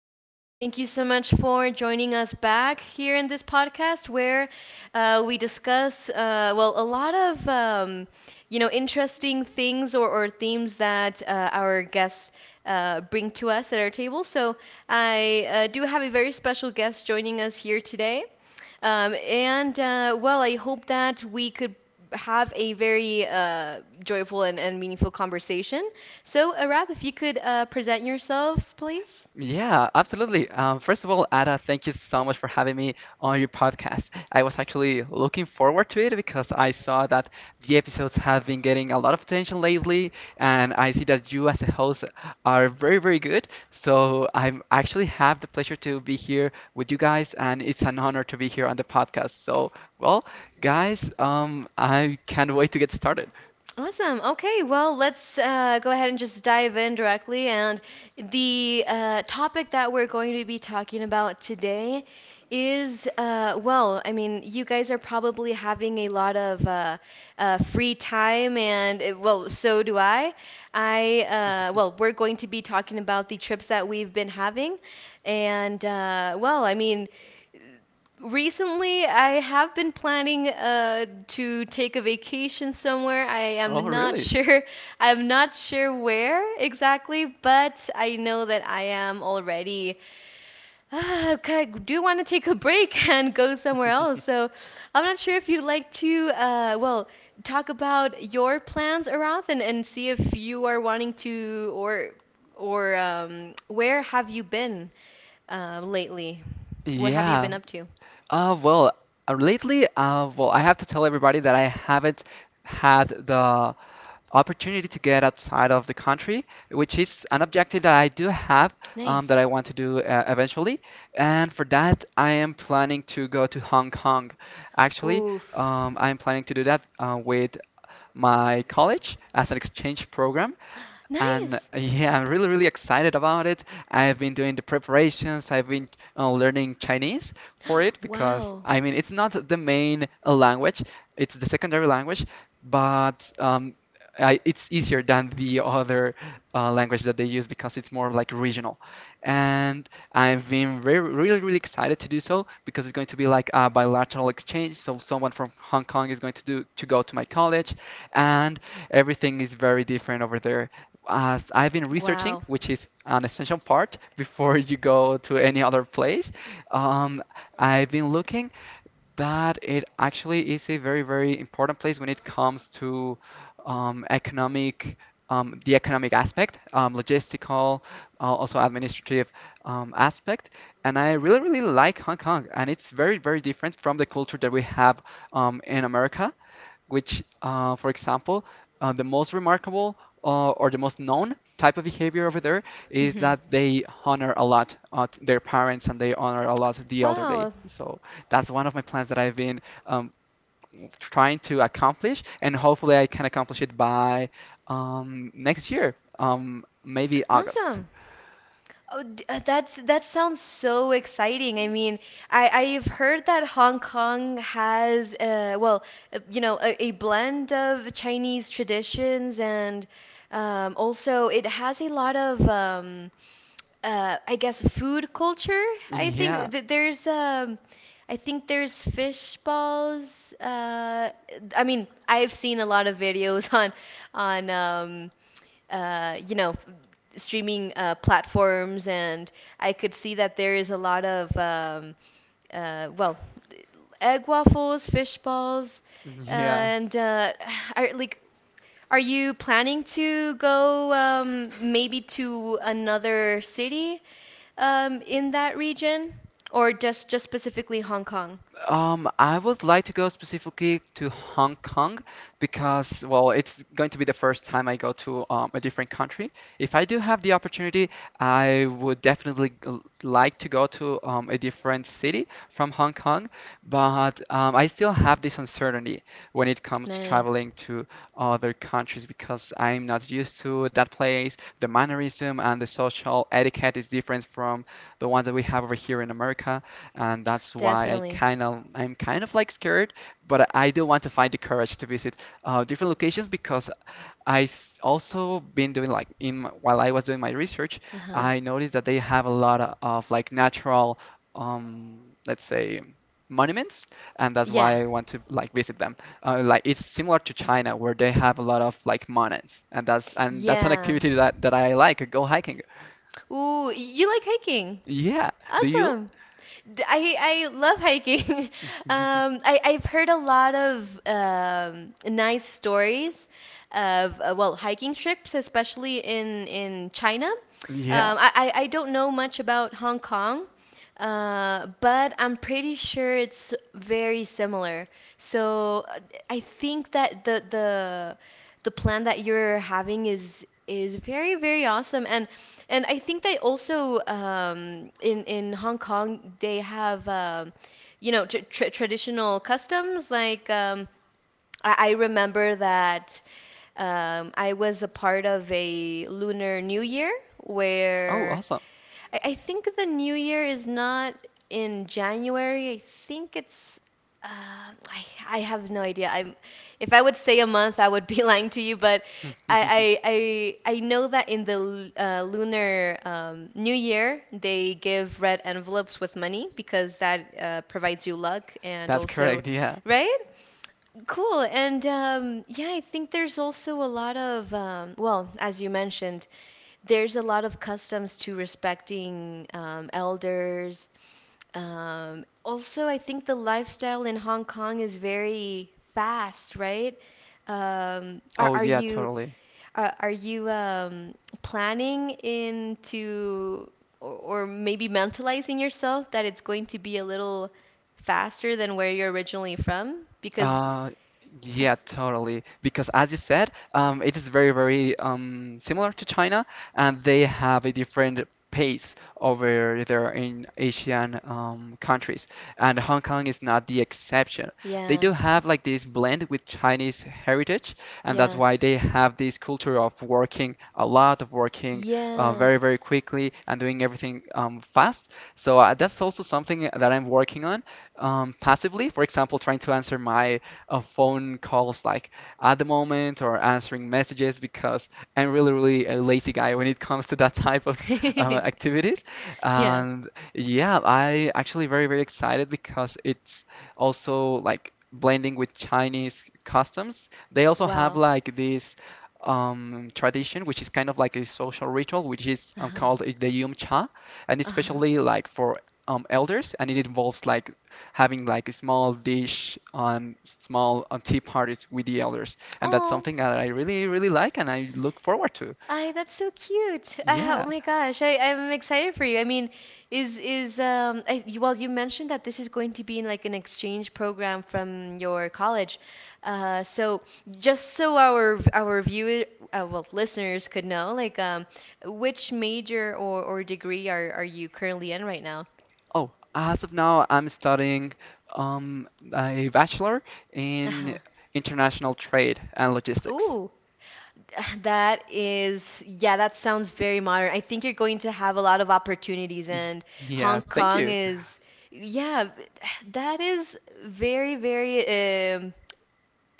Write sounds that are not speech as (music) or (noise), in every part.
guys, and thank you so much for joining us back here in this podcast where we discuss, well, a lot of interesting things or themes that our guests bring to us at our table. So I do have a very special guest joining us here today. And well, I hope that we could have a very joyful and meaningful conversation. So, Arath, if you could present yourself, please. Yeah, absolutely. First of all, Ada, thank you so much for having me on your podcast. I was actually looking forward to it because I saw that the episodes have been getting a lot of attention lately, and I see that you as a host are very, very good. So I'm actually have the pleasure to be here with you guys, and it's an honor to be here on the podcast. So, well, guys, I can't wait to get started. Awesome. Okay, well, let's go ahead and just dive in directly. And the topic that we're going to be talking about today is well, I mean, you guys are probably having a lot of free time, and well, so do I. Well, (laughs) we're going to be talking about the trips that we've been having. And well, I mean, recently, I have been planning to take a vacation somewhere. I Oh, am not (laughs) really? (laughs) sure. I'm not sure where exactly, but I know that I am already. I do want to take a break (laughs) and go somewhere else. So I'm not sure if you'd like to, well, talk about your plans, Arath, and see if you are wanting to, or where have you been lately? What have you Yeah. been up to? Uh, well, lately, I have to tell everybody that I haven't had the opportunity to get outside of the country, which is an objective that I do have Nice. that I want to do eventually. And for that, I am planning to go to Hong Kong. Actually, Oof. I'm planning to do that with my college as an exchange program. And Nice. (laughs) yeah, I'm really, really excited about it. I've been doing the preparations. I've been learning Chinese for it (gasps) because, Wow. I mean, it's not the main language, it's the secondary language, but it's easier than the other language that they use because it's more like regional, and I've been re really, really excited to do so because it's going to be like a bilateral exchange. So someone from Hong Kong is going to do to go to my college, and everything is very different over there. As I've been researching, Wow. which is an essential part (laughs) before you go to any other place, um, I've been looking. But it actually is a very, very important place when it comes to um, economic, the economic aspect, logistical, also administrative aspect. And I really, really like Hong Kong. And it's very, very different from the culture that we have in America, which, for example, the most remarkable or the most known type of behavior over there is Mhm. that they honor a lot their parents and they honor a lot the elderly. Wow. So that's one of my plans that I've been um, trying to accomplish, and hopefully I can accomplish it by next year, maybe August. Awesome. Oh, that sounds so exciting. I mean, I've heard that Hong Kong has well, a blend of Chinese traditions, and also it has a lot of I guess food culture. I Yeah, think that there's fish balls. I mean, I've seen a lot of videos (laughs) on uh, you know streaming platforms, and I could see that there is a lot of uh, well, egg waffles, fish balls, yeah. and (sighs) I, like are you planning to go maybe to another city in that region, or just specifically Hong Kong? Um, I would like to go specifically to Hong Kong because, well, it's going to be the first time I go to a different country. If I do have the opportunity, I would definitely like to go to a different city from Hong Kong, but I still have this uncertainty when it comes to Nice, traveling to other countries because I'm not used to that place. The mannerism and the social etiquette is different from the ones that we have over here in America, and that's why I definitely. kind of I'm kind of like scared, but I do want to find the courage to visit different locations because also been doing like in while I was doing my research, Uh-huh. I noticed that they have a lot of like natural, let's say monuments, and that's Yeah, why I want to like visit them. Like it's similar to China where they have a lot of like monuments, and that's an yeah. activity that I like. Go hiking. Ooh, you like hiking? Yeah. Do you? Awesome. I love hiking. (laughs) Um, (laughs) I, I've heard a lot of nice stories of, well, hiking trips, especially in China. Yeah. I don't know much about Hong Kong, but I'm pretty sure it's very similar. So I think that the plan that you're having is very, very awesome, and I think that also, in Hong Kong, they have tr tr traditional customs like, I remember that I was a part of a Lunar New Year Oh, where awesome. I think the new year is not in January. I think it's. I have no idea. I'm. If I would say a month, I would be (laughs) lying to you. But I I (laughs) I know that in the lunar new year they give red envelopes with money because that provides you luck, and That's also, correct, yeah. right? Cool. And yeah, I think there's also a lot of, well, as you mentioned, there's a lot of customs to respecting elders. Also, I think the lifestyle in Hong Kong is very fast, right? Um, are, Oh are yeah, you totally. are you planning into, or maybe mentalizing yourself that it's going to be a little faster than where you're originally from? Because Uh, I. yeah, totally. Because as you said, it is very, very similar to China, and they have a different pace over there in Asian countries. And Hong Kong is not the exception. They Yeah, do have like this blend with Chinese heritage, and that's yeah, why they have this culture of working a lot, of working yeah, very, very quickly, and doing everything fast. So that's also something that I'm working on passively. For example, trying to answer my phone calls like at the moment or answering messages because I'm really, really a lazy guy when it comes to that (laughs) type of activities. (laughs) yeah. And yeah, I actually very, very excited because it's also like blending with Chinese customs. They also have Wow. like this tradition, which is kind of like a social ritual, which is Uh-huh. called the Yum Cha, and it's Uh-huh. especially like for elders, and it involves like having like a small dish on tea parties with the elders, and that's Oh, something that I really really like and I look forward to. I that's so cute. Oh Yeah. my gosh, I'm excited for you. I mean, well, you mentioned that this is going to be in like an exchange program from your college. So just so our viewer well listeners could know, like, which major or degree are you currently in right now? Oh, as of now, I'm studying um, a bachelor Uh-huh. in international trade and logistics. Ooh. That is, yeah, that sounds very modern. I think you're going to have a lot of opportunities, Y- and Yeah, Hong thank Kong you. is, yeah, that is very, very, um,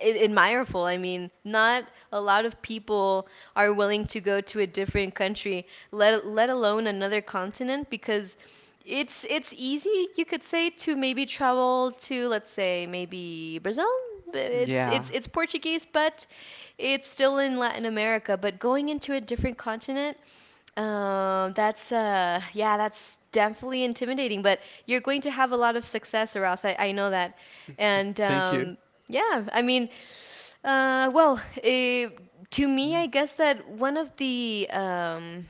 ad- admirable. I mean, not a lot of people are willing to go to a different country, let alone another continent, because it's easy, you could say, to maybe travel to, let's say, maybe Brazil. It's it's Yeah, it's Portuguese, but it's still in Latin America. But going into a different continent, that's definitely intimidating. But you're going to have a lot of success, Arath. I know that, and thank you. Yeah, I mean, well, to me, Mhm. I guess that one of the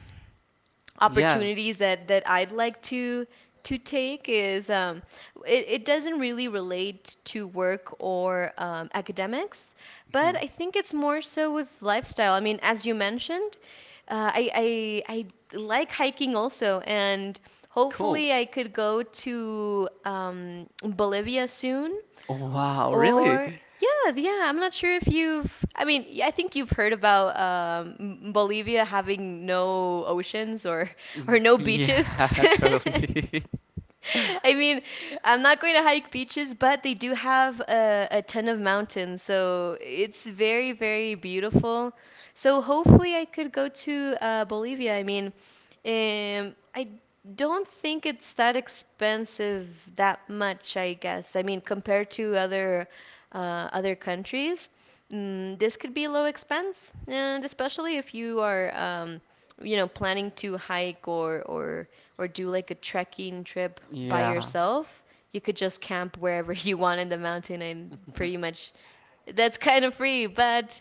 Yeah, opportunities that I'd like to take is, it doesn't really relate to work or academics, but mhm. I think it's more so with lifestyle. I mean, as you mentioned, uh, I, I I like hiking also, and Cool. hopefully I could go to Bolivia soon, Wow, really? or yeah, yeah, I'm not sure if you've I mean, I think you've heard about Bolivia having no oceans or (laughs) Y- or no beaches. Yeah, (laughs) (laughs) totally. (laughs) I mean, I'm not going to hike beaches, but they do have a ton of mountains, so it's very, very beautiful. So hopefully I could go to Bolivia. I mean, I don't think it's that expensive that much, I guess. I mean, compared to other countries, this could be low expense, and especially if you are, planning to hike, or do like a trekking trip by Yeah. yourself. You could just camp wherever (laughs) you want in the mountain, and pretty (laughs) much that's kind of free, but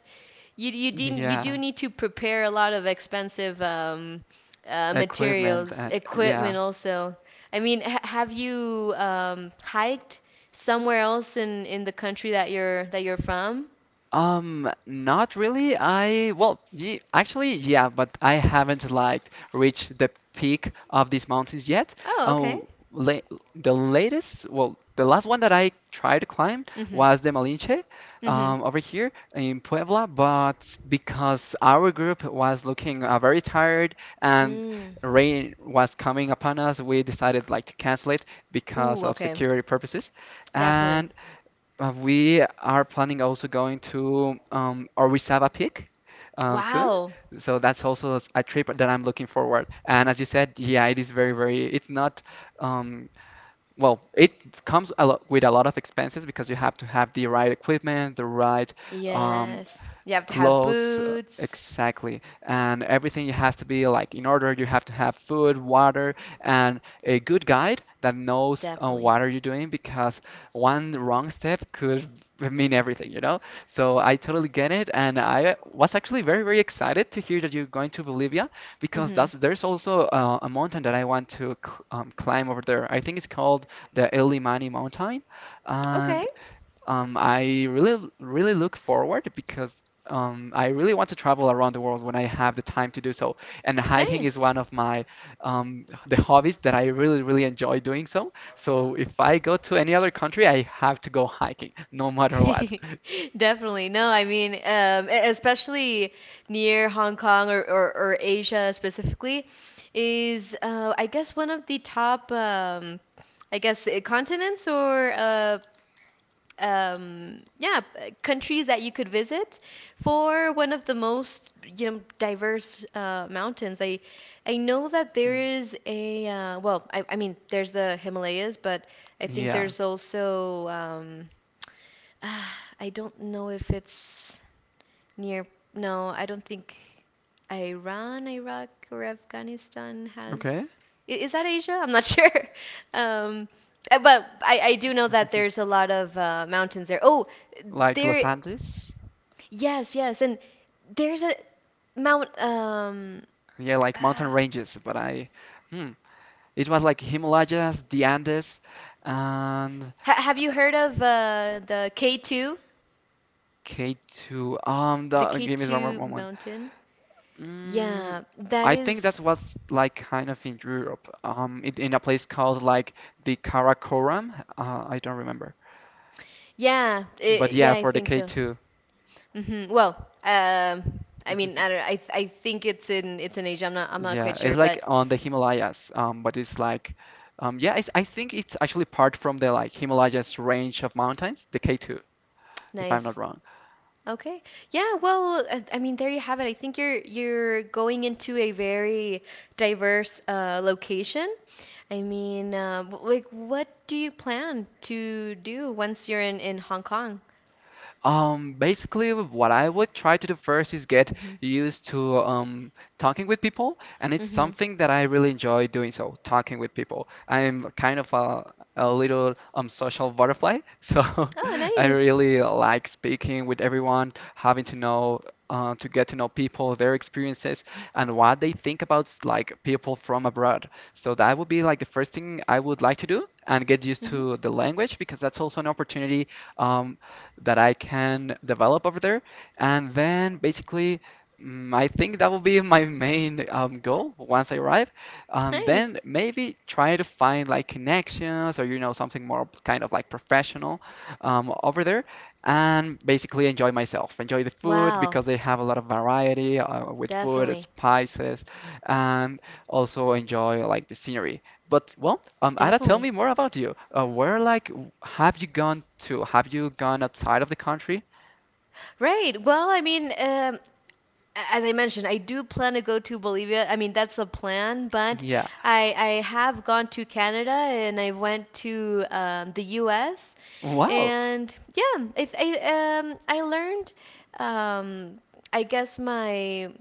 you do Yeah. need to prepare a lot of expensive, Equipment materials, and yeah. equipment also. I mean, ha have you hiked somewhere else in the country that you're from? Not really. I Well, ye actually, yeah, but I haven't like reached the peak of these mountains yet. Oh, okay. Oh, la The latest, well, the last one that I tried to climb Mm-hmm. was the Malinche, Mm-hmm. Over here in Puebla. But because our group was looking very tired and Mm. rain was coming upon us, we decided like to cancel it because Ooh, of okay. security purposes. Definitely. And we are planning also going to Orizaba Peak soon. Wow. So that's also a trip that I'm looking forward. And as you said, yeah, it is very, very, it's not, um, well, it comes a lot with a lot of expenses because you have to have the right equipment, the right um, Yes. You have to have clothes, boots. exactly. And everything has to be like in order. You have to have food, water, and a good guide that knows Definitely. what are you doing because one wrong step could (laughs) mean everything, you know? So I totally get it, and I was actually very, very excited to hear that you're going to Bolivia because Mm-hmm. that's there's also a mountain that I want to cl climb over there. I think it's called the El Imani Mountain, Okay. and I really, really look forward because I really want to travel around the world when I have the time to do so. And hiking is Nice. one of my the hobbies that I really, really enjoy doing so. So if I go to any other country, I have to go hiking, (laughs) no matter what. (laughs) Definitely. No, I mean, especially near Hong Kong, or or Asia specifically, is, I guess, one of the top, I guess, continents, or countries that you could visit for one of the most, diverse mountains. I know that there Mm. is I mean, there's the Himalayas, but I think Yeah. there's also, (sighs) I don't know if it's near. No, I don't think Iran, Iraq, or Afghanistan has. Okay. (laughs) Is that Asia? I'm not (laughs) sure. Um, but I do know that there's a lot of mountains there. Oh, Like Los there. Andes? Yes, yes, and there's a mount. Yeah, like mountain uh, ranges, but I, hmm, it was like Himalayas, the Andes, and have you heard of the K2? K2. The Give me one more K2 moment. mountain? Mm, Yeah, that I think is. that's what's like kind of in Europe. In a place called like the Karakoram. I don't remember. But Yeah, yeah, I for the think so. K2. Mhm. Well, um, I mean, I (laughs) don't, I th- I think it's in Asia. I'm not quite Yeah, sure, it's like but on the Himalayas, but yeah, I think it's actually part from the like Himalayas range of mountains, the K2, if I'm not nice. wrong. Okay. Yeah, well, I mean, there you have it. I think you're going into a very diverse location. I mean, like, what do you plan to do once you're in Hong Kong? Basically, what I would try to do first is get Mhm. used to talking with people, and it's Mhm. something that I really enjoy doing so, talking with people. I'm kind of a little social butterfly, (laughs) so Oh, I nice. really like speaking with everyone, to get to know people, their experiences, and what they think about like people from abroad. So that would be like the first thing I would like to do. And get used Mhm. to the language because that's also an opportunity. Um, that I can develop over there. And then basically, I think that will be my main goal once I arrive. Nice. Then maybe try to find like connections or you know something more kind of like professional over there, and basically enjoy myself, enjoy the food Wow. because they have a lot of variety with food, Definitely. spices, and also enjoy like the scenery. But well, Ada, tell Definitely. me more about you. Have you gone to? Have you gone outside of the country? Right. Well, I mean, as I mentioned, I do plan to go to Bolivia. I mean, that's a plan, but Yeah. I have gone to Canada, and I went to the U.S., Wow. and yeah, I learned, um I guess my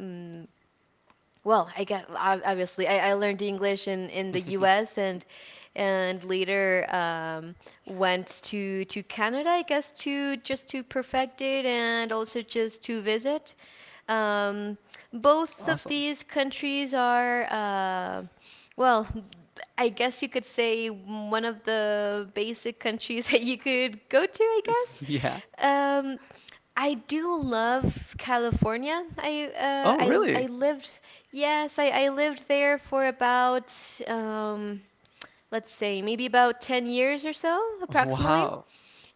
mm, obviously, I learned English in the (laughs) U.S., and later went to Canada, I guess to just to perfect it and also just to visit. Um, both of Awesome. these countries are, well, I guess you could say one of the basic countries (laughs) that you could go to, I (laughs) guess. Yeah. Um, I do love California. Oh, I I really? lived I lived there for about, um, let's say maybe about 10 years or so, approximately. Wow.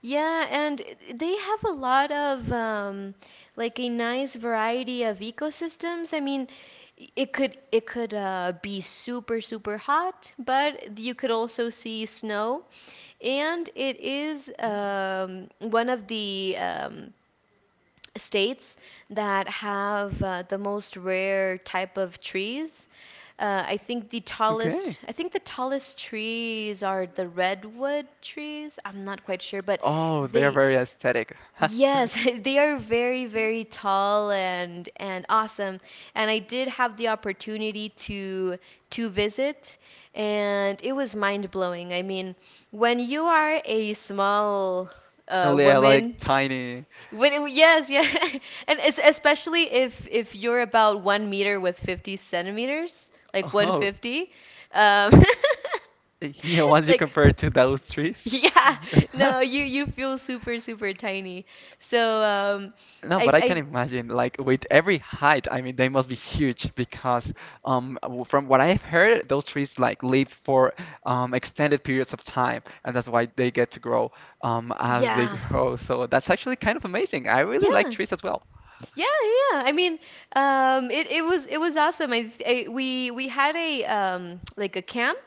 Yeah, and they have a lot of, like, a nice variety of ecosystems. I mean, it could be super, super hot, but you could also see snow, and it is Mm. One of the states that have the most rare type of trees. I think the Okay. tallest, I think the tallest trees are the redwood trees. I'm not quite sure, but Oh, they're they, very aesthetic. (laughs) yes, (laughs) they are very, very tall and awesome. And I did have the opportunity to visit, and it was mind blowing. I mean, when you are a small, Oh, yeah, like woman, tiny. Yes, yeah, (laughs) and es especially if you're about 1 meter with 50 centimeters, like Oh, 150, um, (laughs) yeah, (laughs) once you like compare it to those trees. yeah, (laughs) no, you feel super, super tiny. So No, but I can I imagine, like with every height, I mean, they must be huge because, from what I've heard, those trees like live for extended periods of time, and that's why they get to grow as they (laughs) yeah. grow. So that's actually kind of amazing. I really like Yeah, trees as well. yeah, yeah, yeah. It, it was awesome. I we had a like a camp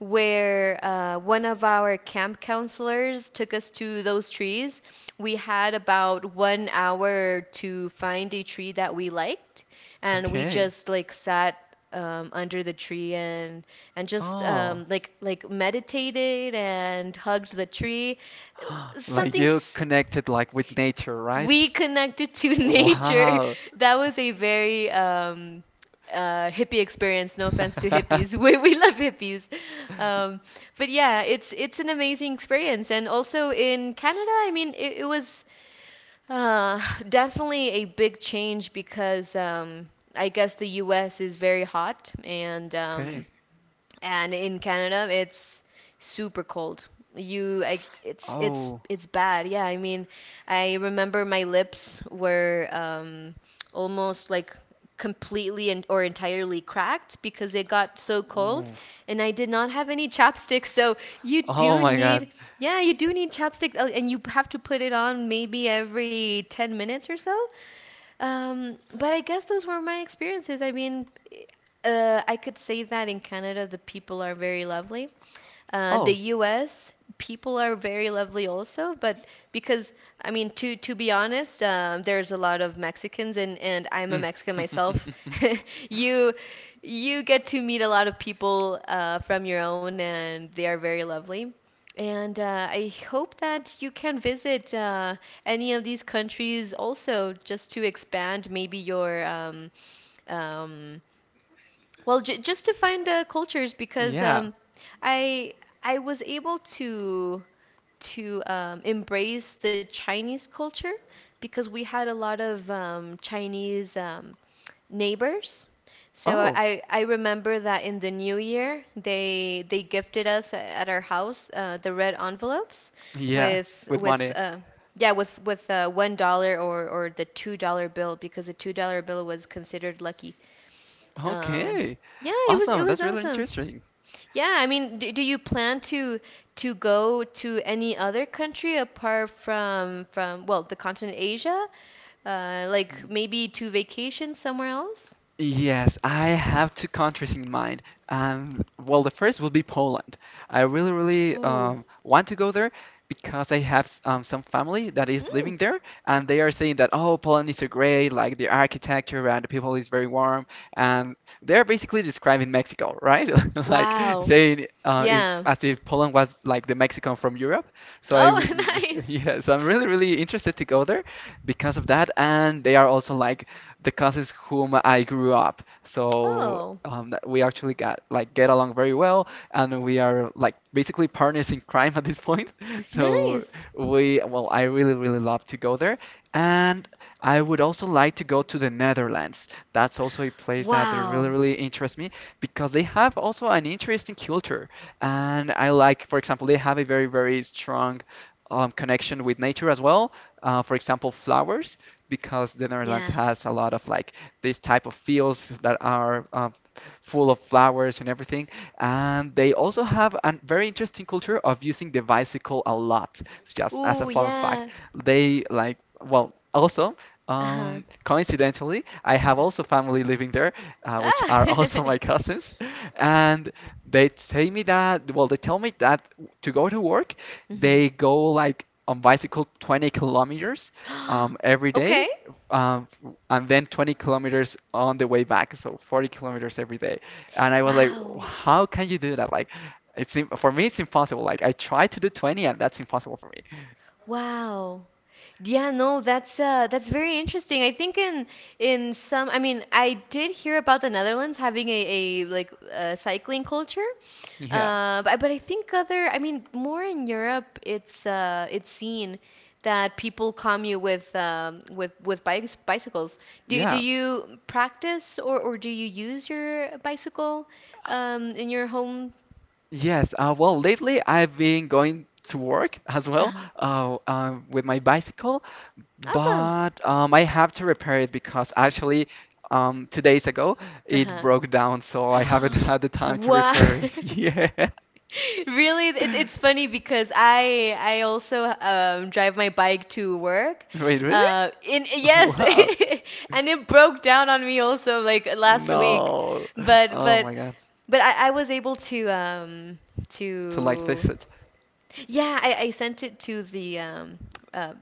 where one of our camp counselors took us to those trees. We had about 1 hour to find a tree that we liked, and we Okay. just like sat under the tree and just Oh, meditated and hugged the tree. (gasps) like Something you s- connected like with nature, right? we connected to (laughs) nature. Wow. That was a very hippie experience. No offense to hippies, (laughs) (laughs) we love hippies, um, but yeah, it's an amazing experience. And also in Canada, I mean, it was uh, definitely a big change because I guess the U.S. is very hot Okay. And in Canada it's super cold. It's it's Oh. it's bad. Yeah, I mean, I remember my lips were almost like completely and or entirely cracked because it got so cold, Oof. and I did not have any (laughs) chapstick. So you Oh do my God. need, yeah, you do need chapstick, and you have to put it on maybe every 10 minutes or so. But I guess those were my experiences. I mean, I could say that in Canada, the people are very lovely. The Oh. U.S. people are very lovely also, but because I mean, to be honest, there's a lot of Mexicans and I'm a Mm. Mexican myself. (laughs) (laughs) You you get to meet a lot of people from your own, and they are very lovely. And I hope that you can visit any of these countries also, just to expand maybe your um, well, j just to find the cultures because Yeah. I I was able to embrace the Chinese culture because we had a lot of Chinese neighbors. So Oh, I remember that in the new year they gifted us at our house the red envelopes yeah, with with money. $1 or the $2 bill because the $2 bill was considered lucky, um, Okay. yeah, it was it Awesome. was That's really awesome. interesting. Yeah, I mean, do, do you plan to go to any other country apart from well, the continent Asia? Like maybe to vacation somewhere else? Yes, I have two countries in mind. Well, the first will be Poland. I really, really Ooh. Want to go there because I have some family that is Mm. living there, and they are saying that, oh, Poland is so great, like the architecture and the people is very warm, and they're basically describing Mexico, right? (laughs) Like Wow. saying if, Yeah. as if Poland was like the Mexican from Europe. So I, Oh, (laughs) nice. (laughs) yeah, so I'm really, really interested to go there because of that, and they are also like the cousins whom I grew up. So Oh, that we actually got like get along very well, and we are like basically partners in crime at this point. (laughs) So nice. I really, really love to go there, and I would also like to go to the Netherlands. That's also a place that really, Wow. really interests me because they have also an interesting culture, and I like, for example, they have a very, very strong connection with nature as well for example, flowers, because the Netherlands Yes. has a lot of like these type of fields that are full of flowers and everything. And they also have a very interesting culture of using the bicycle a lot, just as a Ooh, fun yeah. fact. They like, well, also, Uh-huh. Coincidentally, I have also family living there, which are (laughs) also Ah. my cousins, and they say me that, well, they tell me that to go to work, they go like on bicycle 20 kilometers (laughs) hmm (gasps) every Okay. day, um, and then 20 kilometers on the way back, so 40 kilometers every day. And I was like, Wow. how can you do that? Like, for me, it's impossible. Like, I try to do 20, and that's impossible for me. (laughs) Wow. Yeah, no, that's very interesting. I think in some I mean, I did hear about the Netherlands having a like a cycling culture. Yeah, But I think other I mean, more in Europe it's seen that people commute with bikes bicycles. Do yeah. you practice or do you use your bicycle in your home? (laughs) Yes, well, lately I've been going to work as well Uh-huh. With my bicycle. Awesome. But I have to repair it because actually, 2 days ago it Uh-huh. broke down, so I haven't (gasps) (laughs) had the time to Wow. (laughs) repair (laughs) it. (laughs) Yeah. Really, it, it's funny because I also drive my bike to work. Wait, really? In (laughs) yes, Wow. (laughs) and it broke down on me also like last week, No. but Oh but my God. but I was able to To like fix to it, yeah, I sent it to the uh,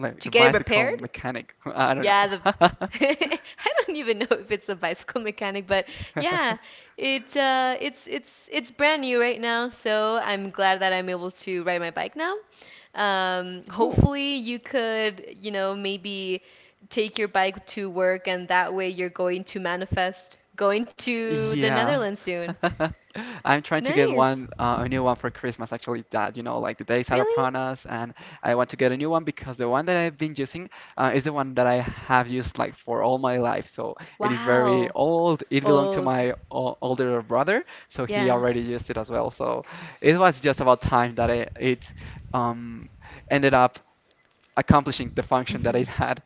like to the get it bicycle repaired, mechanic. (laughs) I don't yeah, the know. (laughs) I don't even know if it's a bicycle mechanic, but yeah, it's brand new right now, so I'm glad that I'm able to ride my bike now. (laughs) Cool. Hopefully you could, you know, maybe take your bike to work and that way you're going to manifest going to the Yeah. Netherlands soon. (laughs) I'm trying to get Nice. one, a new one for Christmas, actually, that, you know, like the days are Really? upon us, and I want to get a new one because the one that I've been using is the one that I have used like for all my life. So it is very Wow. old. It belonged to Old. my o older brother, so he Yeah. already used it as well. So it was just about time that it um, ended up accomplishing the function that it (laughs) had.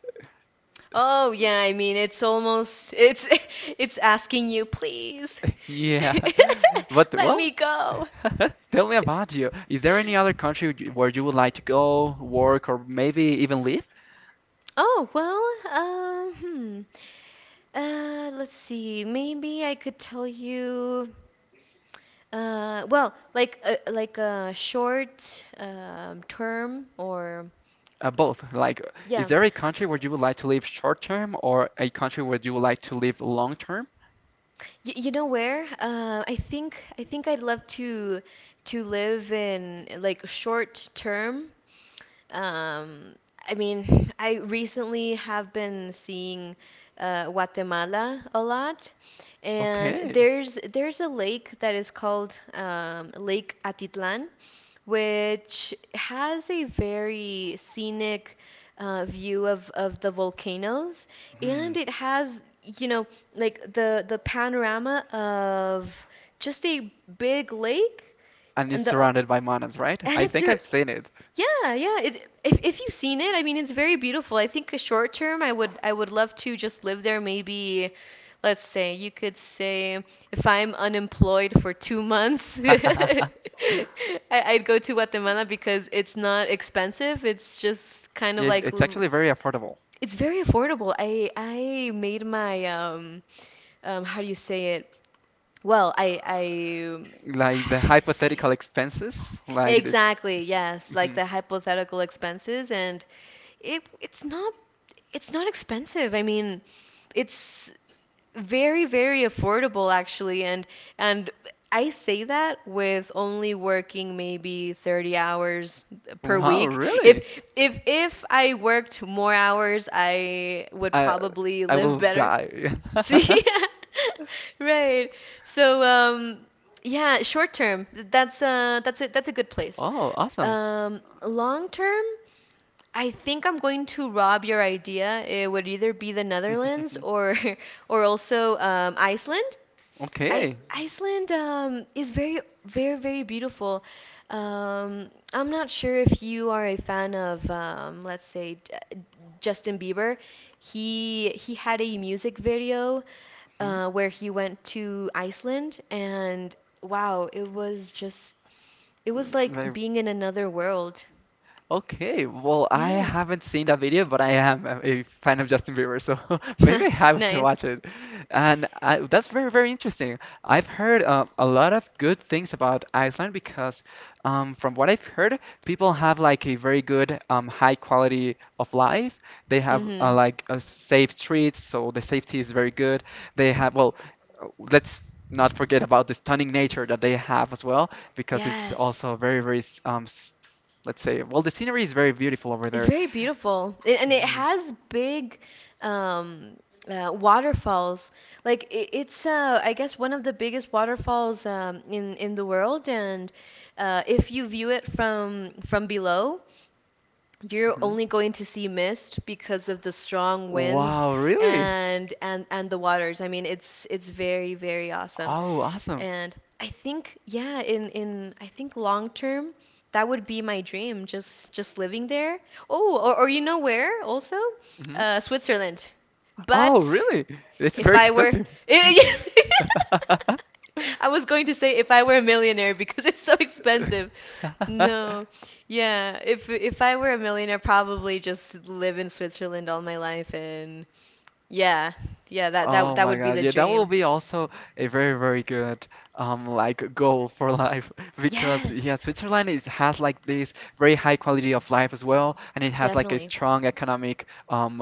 Oh, yeah, I mean it's almost it's (laughs) it's asking you, please. (laughs) Yeah, (laughs) (laughs) but Let well, me go. (laughs) tell me about you. Is there any (laughs) other country where you would like to go, work, or maybe even live? Oh, well, um, hmm. Let's see. Maybe I could tell you well, like a short term or Both. Like, is yeah. there a country where you would like to live short term or a country where you would like to live long term? Y You know where? I think I'd love to live in like short term. Um, I mean, (laughs) I recently have been seeing Guatemala a lot, and Okay. there's a lake that is called Lake Atitlan, which has a very scenic view of the volcanoes, Hmm. and it has, you know, like the panorama of just a big lake And it's and the surrounded by mountains, right? and I think I've seen it. yeah, yeah, if you've seen it, I mean it's very beautiful. I think a short term I would love to just live there. Maybe let's say you could say if I'm unemployed for 2 months, (laughs) (laughs) I'd go to Guatemala because it's not expensive. It's just kind of Yes, like it's actually very affordable. it's very affordable. I made my how do you say it? Well, Uh, I (sighs) Like the how do you say it? hypothetical expenses, like the. Exactly, (laughs) yes, like Mhm. the hypothetical expenses, and it it's not it's not expensive. I mean, it's very, very affordable actually, and and I say that with only working maybe 30 hours per Wow, week. Really? If I worked more hours, I would I probably I live will better. die. (laughs) See? (laughs) Right. So yeah, short term, that's a good place. Oh, awesome. Um, long term, I think I'm going to rob your idea. It would either be the Netherlands (laughs) or (laughs) or also Iceland. I Okay. Iceland, is very, very, very beautiful. I'm not sure if you are a fan of let's say Justin Bieber. He had a music video Hmm. Where he went to Iceland and wow, it was like Very. being in another world. Okay, well, I Yeah. haven't seen that video, but I am a fan of Justin Bieber, so (laughs) maybe I (laughs) have to Nice. watch it. And I, that's very, very interesting. I've heard a lot of good things about Iceland because, from what I've heard, people have like a very good, high quality of life. They have Mm-hmm. like safe streets, so the safety is very good. They have, well, let's not forget about the stunning nature that they have as well, because it's Yes. also very, very let's say. Well, the scenery is very beautiful over It's there. very beautiful. It, and it Hmm. has big um, waterfalls. Like it, it's I guess one of the biggest waterfalls in the world, and if you view it from below, you're Hmm. only going to see mist because of the strong winds Wow, really? And the waters. I mean, it's very, very awesome. Oh, awesome. And I think, yeah, in I think long term, that would be my dream, just living there. Oh, or you know where also? Hmm. Switzerland. Oh, But really? It's if very I were expensive. (laughs) I was going to say if I were a millionaire because it's so expensive. (laughs) No. (laughs) Yeah, if I were a millionaire, probably just live in Switzerland all my life, and yeah. Yeah, Oh that my would be God. the Yeah, that will dream. be also a very, very good like goal for life (laughs) because yeah, Yes. Switzerland is has like this very high quality of life as well, and it has like a Definitely. strong economic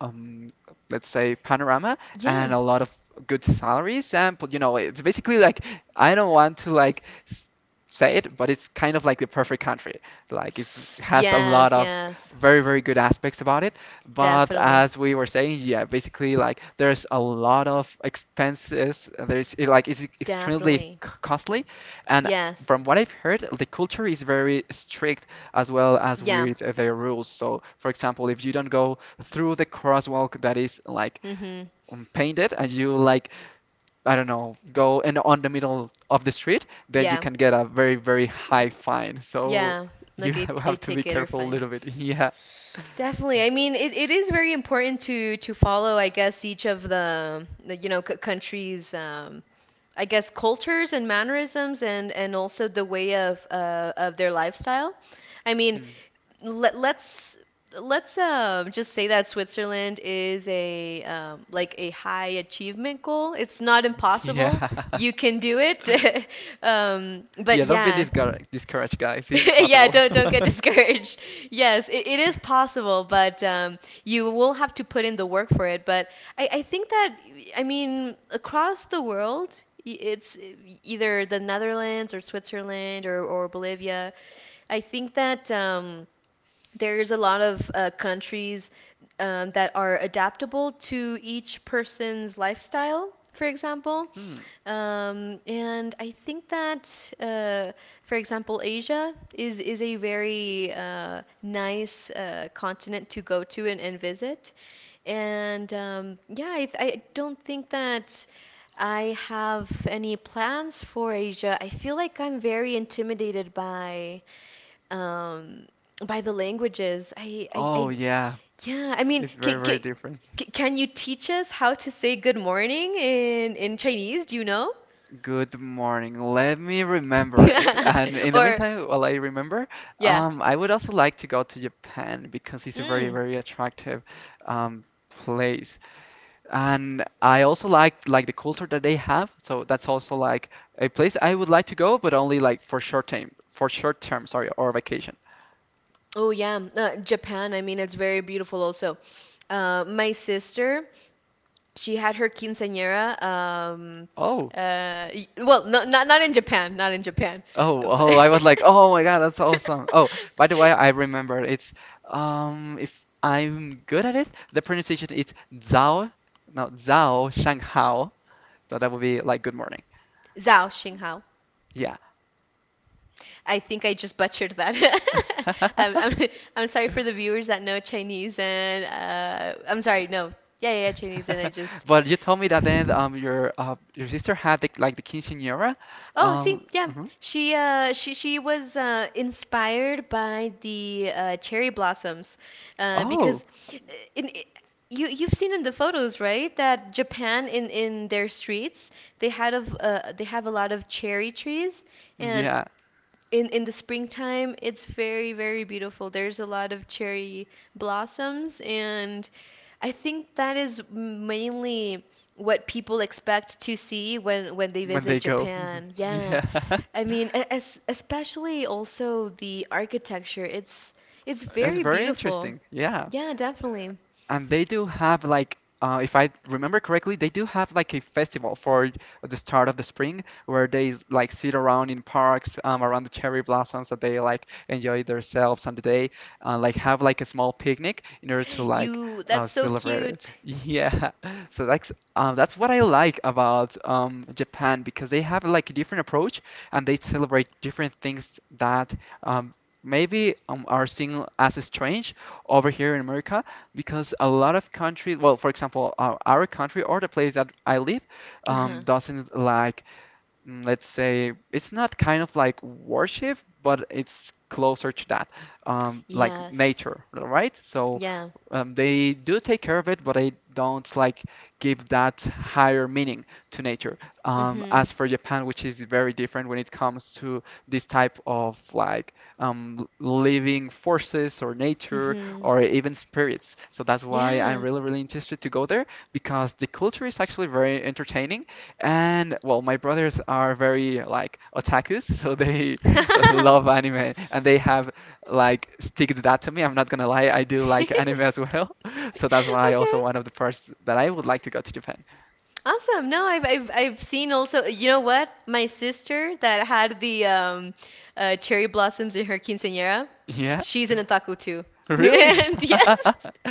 um let's say panorama Yeah. and a lot of good salaries and but, you know, it's basically like I don't want to like s- say it, but it's kind of like the perfect country. Like it has a lot Yes, of yes. very, very good aspects about it. But Definitely. as we were saying, yeah, basically like there's a lot of expenses. Like it's extremely Definitely. costly, and Yes. from what I've heard, the culture is very strict as well as Yeah. with their rules. So, for example, if you don't go through the crosswalk that is like Mm-hmm. Painted and you like I don't know, go and on the middle of the street, then you Yeah. can get a very, very high fine. So Yeah, you (laughs) like a have to be ticket or careful a fine. little bit. (laughs) Yeah. Definitely. I mean, it is very important to follow, I guess, each of the, you know, c countries, I guess, cultures and mannerisms, and also the way of their lifestyle. I mean, Mhm. Let's just say that Switzerland is a like a high achievement goal. It's not impossible. Yeah. (laughs) You can do it. (laughs) Um, but Yeah, don't be yeah. (laughs) discouraged, discouraged, guys. It's Yeah, possible. Don't get (laughs) discouraged. (laughs) Yes, it is possible, but you will have to put in the work for it. But I think that I mean across the world, y- it's either the Netherlands or Switzerland, or Bolivia. I think that there's a lot of countries that are adaptable to each person's lifestyle, for example. Hmm. And I think that, for example, Asia is a very nice continent to go to, and visit. And yeah, I don't think that I have any plans for Asia. I feel like I'm very intimidated um, by the languages. Oh, I yeah. yeah, I mean, It's very, very different. can you teach us how to say good morning in Chinese? Do you know? Good morning. Let me remember it. (laughs) And in the Or, meantime, while I remember, yeah. I would also like to go to Japan because it's a very, Mm. very attractive place. And I also like the culture that they have, so that's also like a place I would like to go, but only like for short time, for short term, sorry, or vacation. Oh, yeah. Japan, I mean, it's very beautiful also. My sister, she had her quinceañera. Oh, Well, no, not not in Japan, not in Japan. Oh! But I was like, (laughs) oh my God, that's awesome. Oh, by the way, I remember it's if I'm good at it, the pronunciation is Zhao, no Zhao Shanghao, so that would be like good morning. Zhao Xinghao. Yeah. I think I just butchered that. (laughs) I'm, (laughs) I'm, I'm sorry for the viewers that know Chinese and I'm sorry, no. Yeah, yeah, yeah, Chinese and I just But you told me that (sighs) then your sister had like the quinceañera. Oh, see, yeah. Mhm. She was inspired by the cherry blossoms because Oh, in you you've seen in the photos, right? That Japan in their streets, they have a lot of cherry trees, and yeah, in the springtime, it's very, very beautiful. There's a lot of cherry blossoms, and I think that is mainly what people expect to see when they when visit they go. Japan. (laughs) Yeah, Yeah. (laughs) I mean, especially also the architecture, it's It's very very beautiful. interesting. Yeah. Yeah, definitely. And they do have like, if I remember correctly, they do have like a festival for the start of the spring where they like sit around in parks around the cherry blossoms that they like enjoy themselves and they like have like a small picnic in order to like You, that's so celebrate it. cute. (laughs) Yeah, so that's what I like about Japan because they have like a different approach and they celebrate different things that um, maybe are seen as strange over here in America because a lot of countries, well, for example, our country or the place that I live Uh-huh. doesn't like mm, let's say it's not kind of like worship, but it's closer to that, like Yes. nature, right? So Yeah. They do take care of it, but they don't like give that higher meaning to nature. Mhm. As for Japan, which is very different when it comes to this type of like living forces or nature Mhm. or even spirits. So that's why I'm Yeah. really, really interested to go there because the culture is actually very entertaining and well, my brothers are very like otakus, so they (laughs) love (laughs) anime and they have like sticked that to me. I'm not gonna lie, I do like anime as (laughs) well. (laughs) So that's why Okay. also one of the first that I would like to go to Japan. Awesome. No, I've seen also, you know what? My sister that had the cherry blossoms in her quinceañera, Yeah, she's an otaku too. (laughs) really? And yes. (laughs)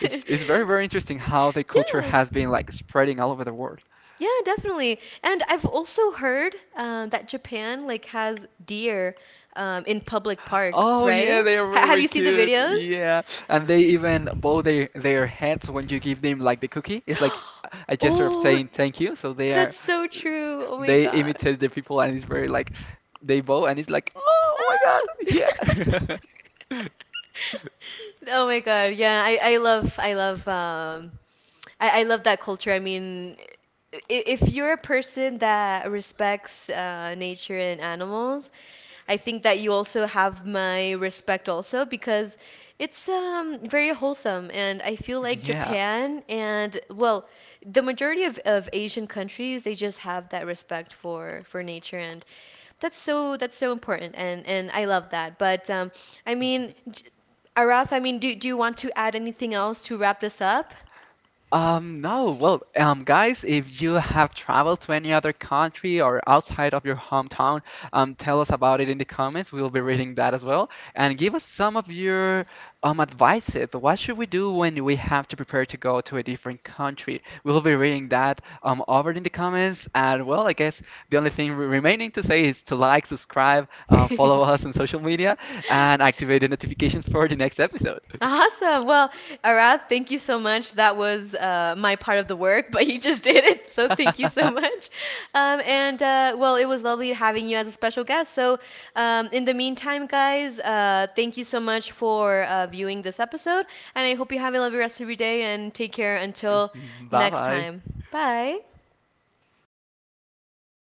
It's very very interesting how the culture Yeah. has been like spreading all over the world. Yeah, definitely. And I've also heard that Japan like has deer in public parks, Oh yeah, right? they are Ha have very you seen the cute. videos? Yeah. And they even bow their heads when you give them like the cookie. It's like (gasps) a gesture of Oh, saying thank you. So they that's are so true. Oh my they god. imitate the people, and it's very like they bow, and it's like, oh my God, Ah! (laughs) yeah, Oh my god. Yeah, I love that culture. I mean, if you're a person that respects nature and animals, I think that you also have my respect also because it's very wholesome, and I feel like (laughs) yeah. Japan and well, the majority of Asian countries, they just have that respect for nature, and that's so important, and I love that. But I mean, Arath, I mean, do do you want to add anything else to wrap this up? No, well, guys, if you have traveled to any other country or outside of your hometown, tell us about it in the comments. We'll be reading that as well. And give us some of your advices. What should we do when we have to prepare to go to a different country? We'll be reading that over in the comments. And well, I guess the only thing remaining to say is to like, subscribe, follow (laughs) us on social media, and activate the notifications for the next episode. Awesome. Well, Arath, thank you so much. That was my part of the work, (laughs) but you just did it. So thank you so (laughs) much. And well, it was lovely having you as a special guest. So in the meantime, guys, thank you so much for viewing this episode. And I hope you have a lovely rest of your day and take care until Bye next bye. time. Bye.